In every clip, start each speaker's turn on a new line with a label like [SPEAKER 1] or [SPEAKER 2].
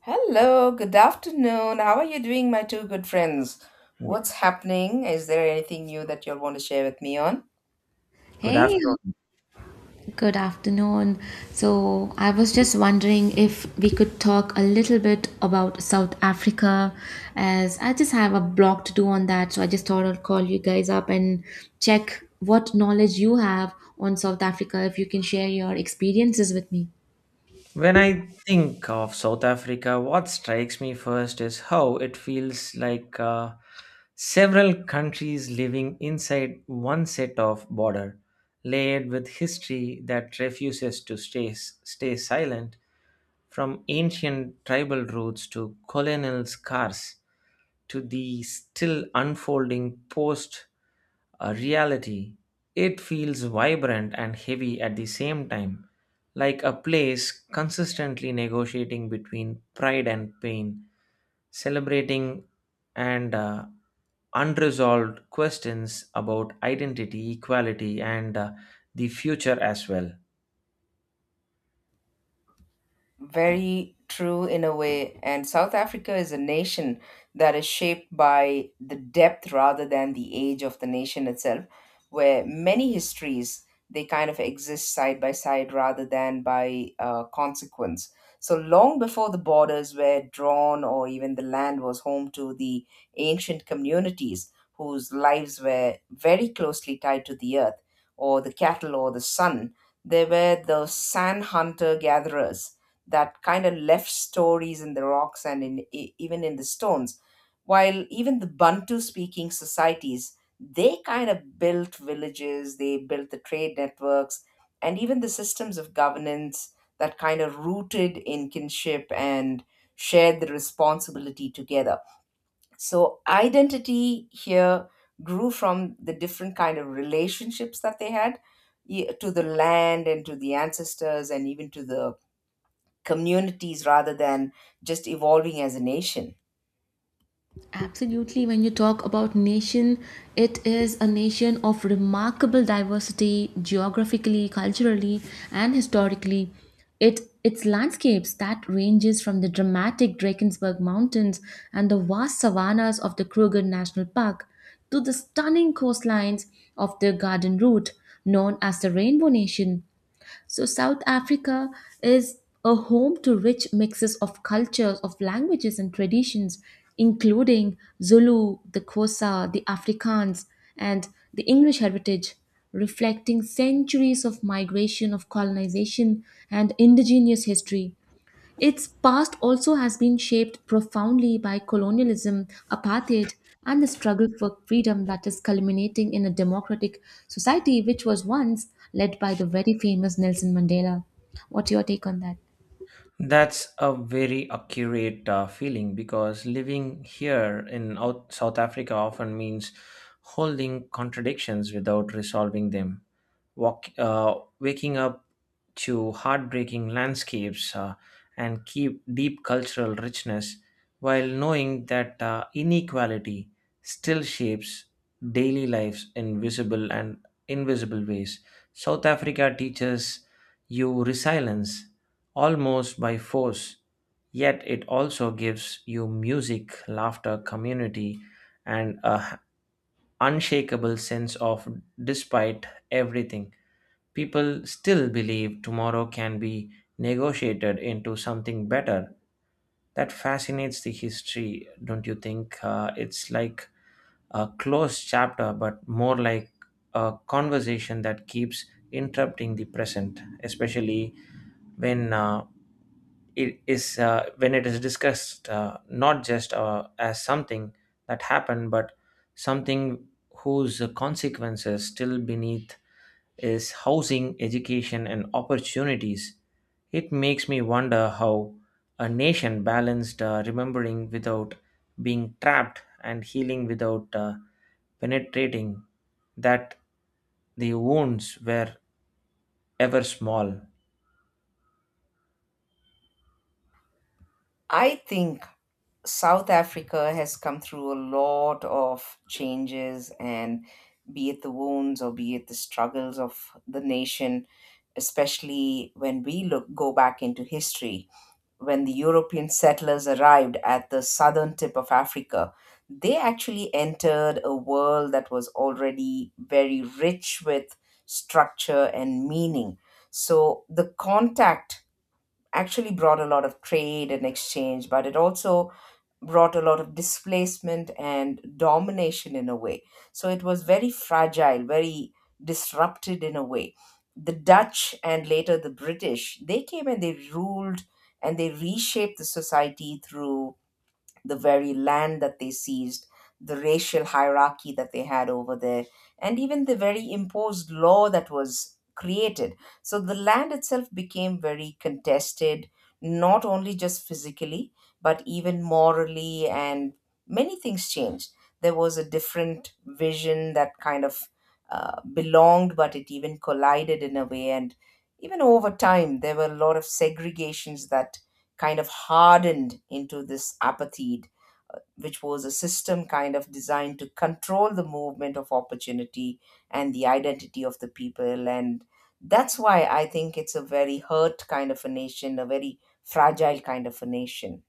[SPEAKER 1] Hello, good afternoon. How are you doing, my two good friends? What's happening? Is there anything new that you'll want to share with me on?
[SPEAKER 2] Good
[SPEAKER 3] Hey,
[SPEAKER 2] afternoon.
[SPEAKER 3] good afternoon. So, I was just wondering if we could talk a little bit about South Africa, as I just have a blog to do on that. So, I just thought I'd call you guys up and check what knowledge you have on South Africa, if you can share your experiences with me.
[SPEAKER 2] When I think of South Africa, what strikes me first is how it feels like several countries living inside one set of border, layered with history that refuses to stay silent, from ancient tribal roots to colonial scars to the still unfolding post a reality. It feels vibrant and heavy at the same time, like a place consistently negotiating between pride and pain, celebrating and unresolved questions about identity, equality, and the future as well.
[SPEAKER 1] Very true in a way. And South Africa is a nation that is shaped by the depth rather than the age of the nation itself, where many histories they kind of exist side by side rather than by consequence. So long before the borders were drawn, or even the land was home to the ancient communities whose lives were very closely tied to the earth, or the cattle, or the sun, there were the sand hunter gatherers that kind of left stories in the rocks and in even in the stones, while even the Bantu speaking societies, they kind of built villages, they built the trade networks and even the systems of governance that kind of rooted in kinship and shared the responsibility together. So identity here grew from the different kind of relationships that they had to the land and to the ancestors and even to the communities rather than just evolving as a nation.
[SPEAKER 3] Absolutely. When you talk about nation, it is a nation of remarkable diversity geographically, culturally, and historically. It its landscapes that ranges from the dramatic Drakensberg Mountains and the vast savannas of the Kruger National Park to the stunning coastlines of the Garden Route, known as the Rainbow Nation. So South Africa is a home to rich mixes of cultures, of languages and traditions, including Zulu, the Xhosa, the Afrikaans, and the English heritage, reflecting centuries of migration, of colonization, and indigenous history. Its past also has been shaped profoundly by colonialism, apartheid, and the struggle for freedom that is culminating in a democratic society which was once led by the very famous Nelson Mandela. What's your take on that?
[SPEAKER 2] That's a very accurate feeling because living here in South Africa often means holding contradictions without resolving them waking up to heartbreaking landscapes and keep deep cultural richness while knowing that inequality still shapes daily lives in visible and invisible ways. South Africa teaches you resilience almost by force, yet it also gives you music, laughter, community, and a unshakable sense of despite everything. People still believe tomorrow can be negotiated into something better. That fascinates the history, don't you think? It's like a closed chapter, but more like a conversation that keeps interrupting the present, especially when it is when it is discussed not just as something that happened, but something whose consequences still beneath is housing, education, and opportunities. It makes me wonder how a nation balanced remembering without being trapped and healing without penetrating that the wounds were ever small.
[SPEAKER 1] I think South Africa has come through a lot of changes, and be it the wounds or be it the struggles of the nation, especially when we look go back into history, when the European settlers arrived at the southern tip of Africa, they actually entered a world that was already very rich with structure and meaning. So the contact actually brought a lot of trade and exchange, but it also brought a lot of displacement and domination in a way. So it was very fragile, very disrupted in a way. The Dutch and later the British, they came and they ruled and they reshaped the society through the very land that they seized, the racial hierarchy that they had over there, and even the very imposed law that was created. So the land itself became very contested, not only just physically, but even morally, and many things changed. There was a different vision that kind of belonged, but it even collided in a way. And even over time, there were a lot of segregations that kind of hardened into this apathy, which was a system kind of designed to control the movement of opportunity and the identity of the people. And that's why I think it's a very hurt kind of a nation, a very fragile kind of a nation.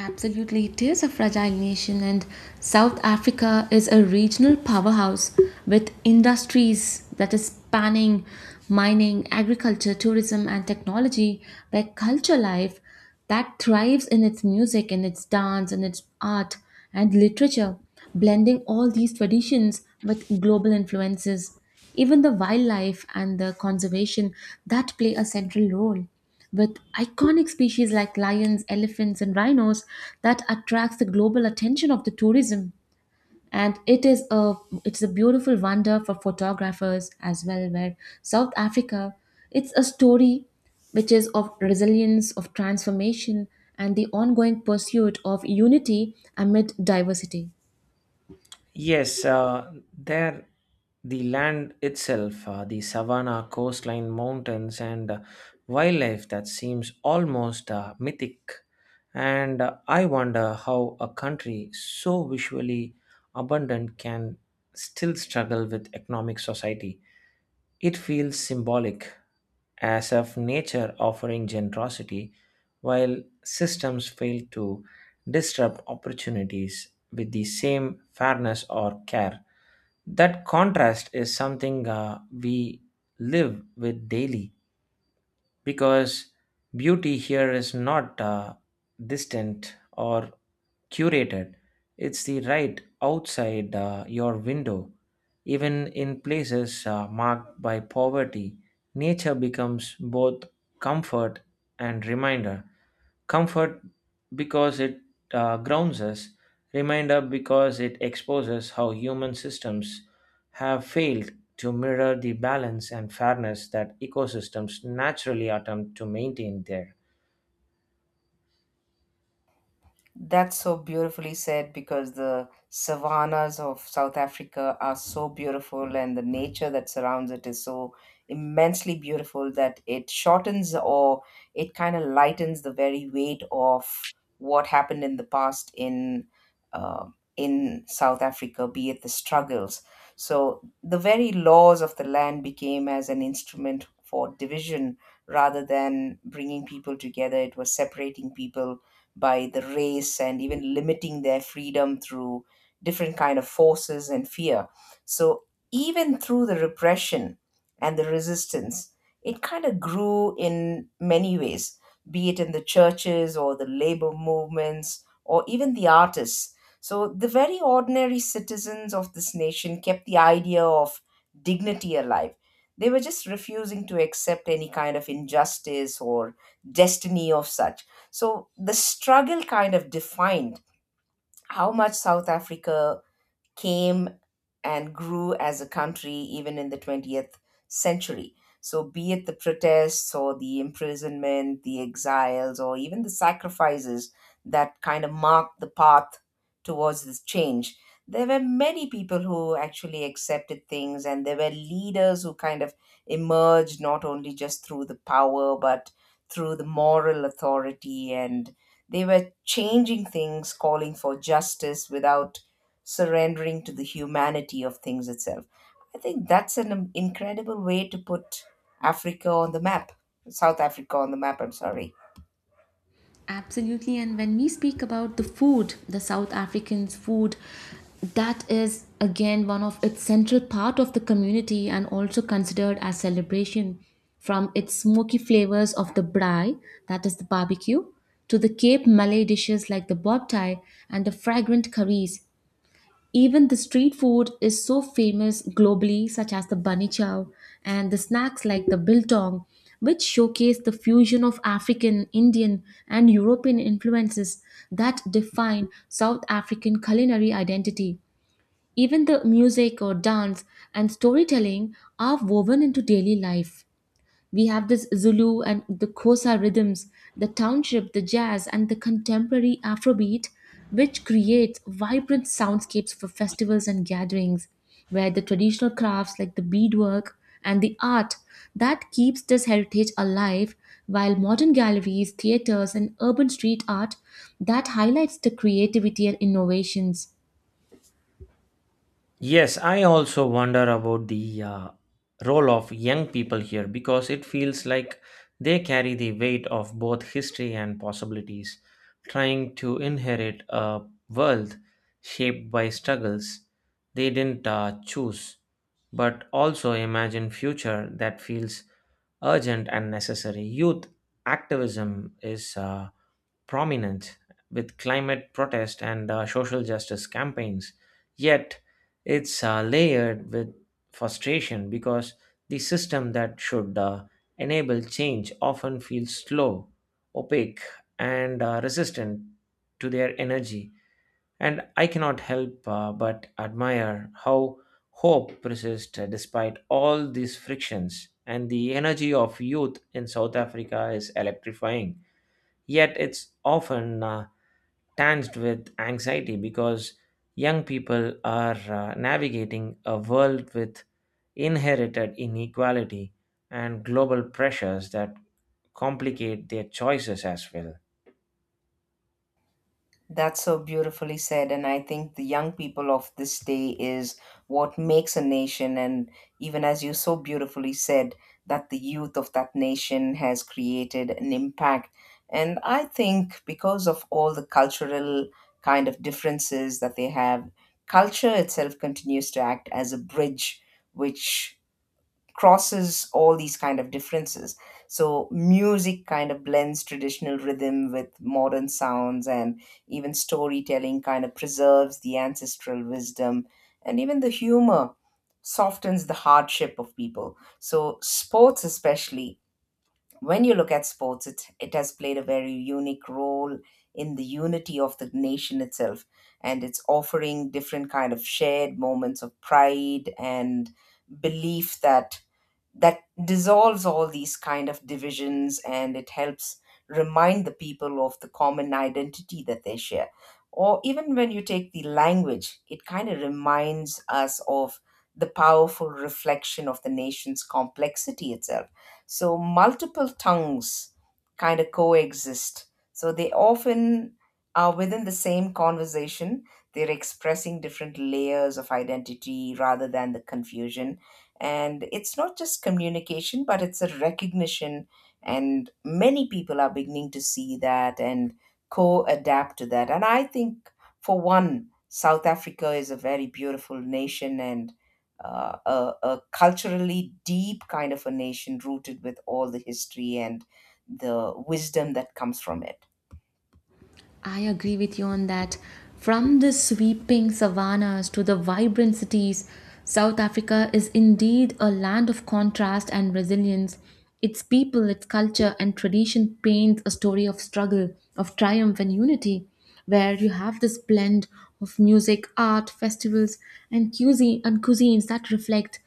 [SPEAKER 3] Absolutely, it is a fragile nation, and South Africa is a regional powerhouse with industries that is spanning mining, agriculture, tourism, and technology, where culture life that thrives in its music, in its dance, in its art and literature, blending all these traditions with global influences, even the wildlife and the conservation that play a central role with iconic species like lions, elephants, and rhinos that attracts the global attention of the tourism. And It's a beautiful wonder for photographers as well, where South Africa, it's a story which is of resilience, of transformation, and the ongoing pursuit of unity amid diversity.
[SPEAKER 2] Yes, there the land itself, the savanna, coastline, mountains, and wildlife that seems almost mythic. And I wonder how a country so visually abundant can still struggle with economic society. It feels symbolic, as if nature offering generosity while systems fail to disrupt opportunities with the same fairness or care. That contrast is something we live with daily because beauty here is not distant or curated, it's the right outside your window, even in places marked by poverty. Nature becomes both comfort and reminder, comfort because it grounds us, reminder because it exposes how human systems have failed to mirror the balance and fairness that ecosystems naturally attempt to maintain there.
[SPEAKER 1] That's so beautifully said, because the savannas of South Africa are so beautiful and the nature that surrounds it is so immensely beautiful that it shortens, or it kind of lightens the very weight of what happened in the past uh, in South Africa, be it the struggles. So the very laws of the land became as an instrument for division rather than bringing people together. It was separating people by the race and even limiting their freedom through different kind of forces and fear. So even through the repression and the resistance, it kind of grew in many ways, be it in the churches or the labor movements or even the artists. So the very ordinary citizens of this nation kept the idea of dignity alive. They were just refusing to accept any kind of injustice or destiny of such. So the struggle kind of defined how much South Africa came and grew as a country even in the 20th century. So, be it the protests or the imprisonment, the exiles, or even the sacrifices that kind of marked the path towards this change, there were many people who actually accepted things, and there were leaders who kind of emerged not only just through the power but through the moral authority, and they were changing things, calling for justice without surrendering to the humanity of things itself. I think that's an incredible way to put Africa on the map, South Africa on the map, I'm sorry.
[SPEAKER 3] Absolutely. And when we speak about the food, the South Africans' food, that is again one of its central part of the community and also considered as celebration, from its smoky flavors of the braai, that is the barbecue, to the Cape Malay dishes like the bobtai and the fragrant curries, even the street food is so famous globally, such as the bunny chow and the snacks like the biltong, which showcase the fusion of African, Indian, and European influences that define South African culinary identity. Even the music or dance and storytelling are woven into daily life. We have this Zulu and the Xhosa rhythms, the township, the jazz, and the contemporary Afrobeat, which creates vibrant soundscapes for festivals and gatherings, where the traditional crafts like the beadwork and the art that keeps this heritage alive, while modern galleries, theaters, and urban street art that highlights the creativity and innovations.
[SPEAKER 2] Yes, I also wonder about the role of young people here because it feels like they carry the weight of both history and possibilities, trying to inherit a world shaped by struggles they didn't choose, but also imagine future that feels urgent and necessary. Youth activism is prominent with climate protest and social justice campaigns. Yet, it's layered with frustration because the system that should enable change often feels slow, opaque, and resistant to their energy. And I cannot help but admire how hope persists despite all these frictions, and the energy of youth in South Africa is electrifying. Yet it's often tanged with anxiety because young people are navigating a world with inherited inequality and global pressures that complicate their choices as well.
[SPEAKER 1] That's so beautifully said. And I think the young people of this day is what makes a nation. And even as you so beautifully said, that the youth of that nation has created an impact. And I think because of all the cultural kind of differences that they have, culture itself continues to act as a bridge, which crosses all these kind of differences. So music kind of blends traditional rhythm with modern sounds, and even storytelling kind of preserves the ancestral wisdom, and even the humor softens the hardship of people. So sports, especially when you look at sports, it has played a very unique role in the unity of the nation itself, and it's offering different kind of shared moments of pride and belief that dissolves all these kind of divisions, and it helps remind the people of the common identity that they share. Or even when you take the language, it kind of reminds us of the powerful reflection of the nation's complexity itself. So multiple tongues kind of coexist, so they often are within the same conversation, they're expressing different layers of identity rather than the confusion, and it's not just communication, but it's a recognition. And many people are beginning to see that and co adapt to that. And I think, for one, South Africa is a very beautiful nation and a culturally deep kind of a nation rooted with all the history and the wisdom that comes from it.
[SPEAKER 3] I agree with you on that. From the sweeping savannas to the vibrant cities, South Africa is indeed a land of contrast and resilience. Its people, its culture, and tradition paints a story of struggle, of triumph, and unity, where you have this blend of music, art, festivals, and cuisine and cuisines that reflect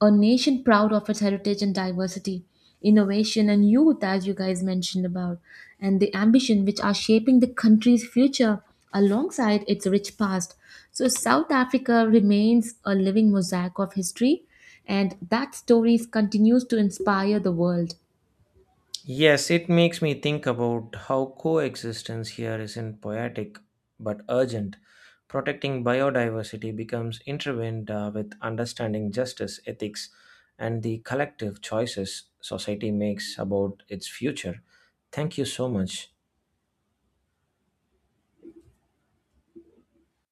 [SPEAKER 3] a nation proud of its heritage and diversity, innovation and youth, as you guys mentioned about, and the ambition which are shaping the country's future alongside its rich past. So, South Africa remains a living mosaic of history, and that story continues to inspire the world.
[SPEAKER 2] Yes, it makes me think about how coexistence here isn't poetic but urgent. Protecting biodiversity becomes intertwined with understanding justice, ethics, and the collective choices society makes about its future. Thank you so much.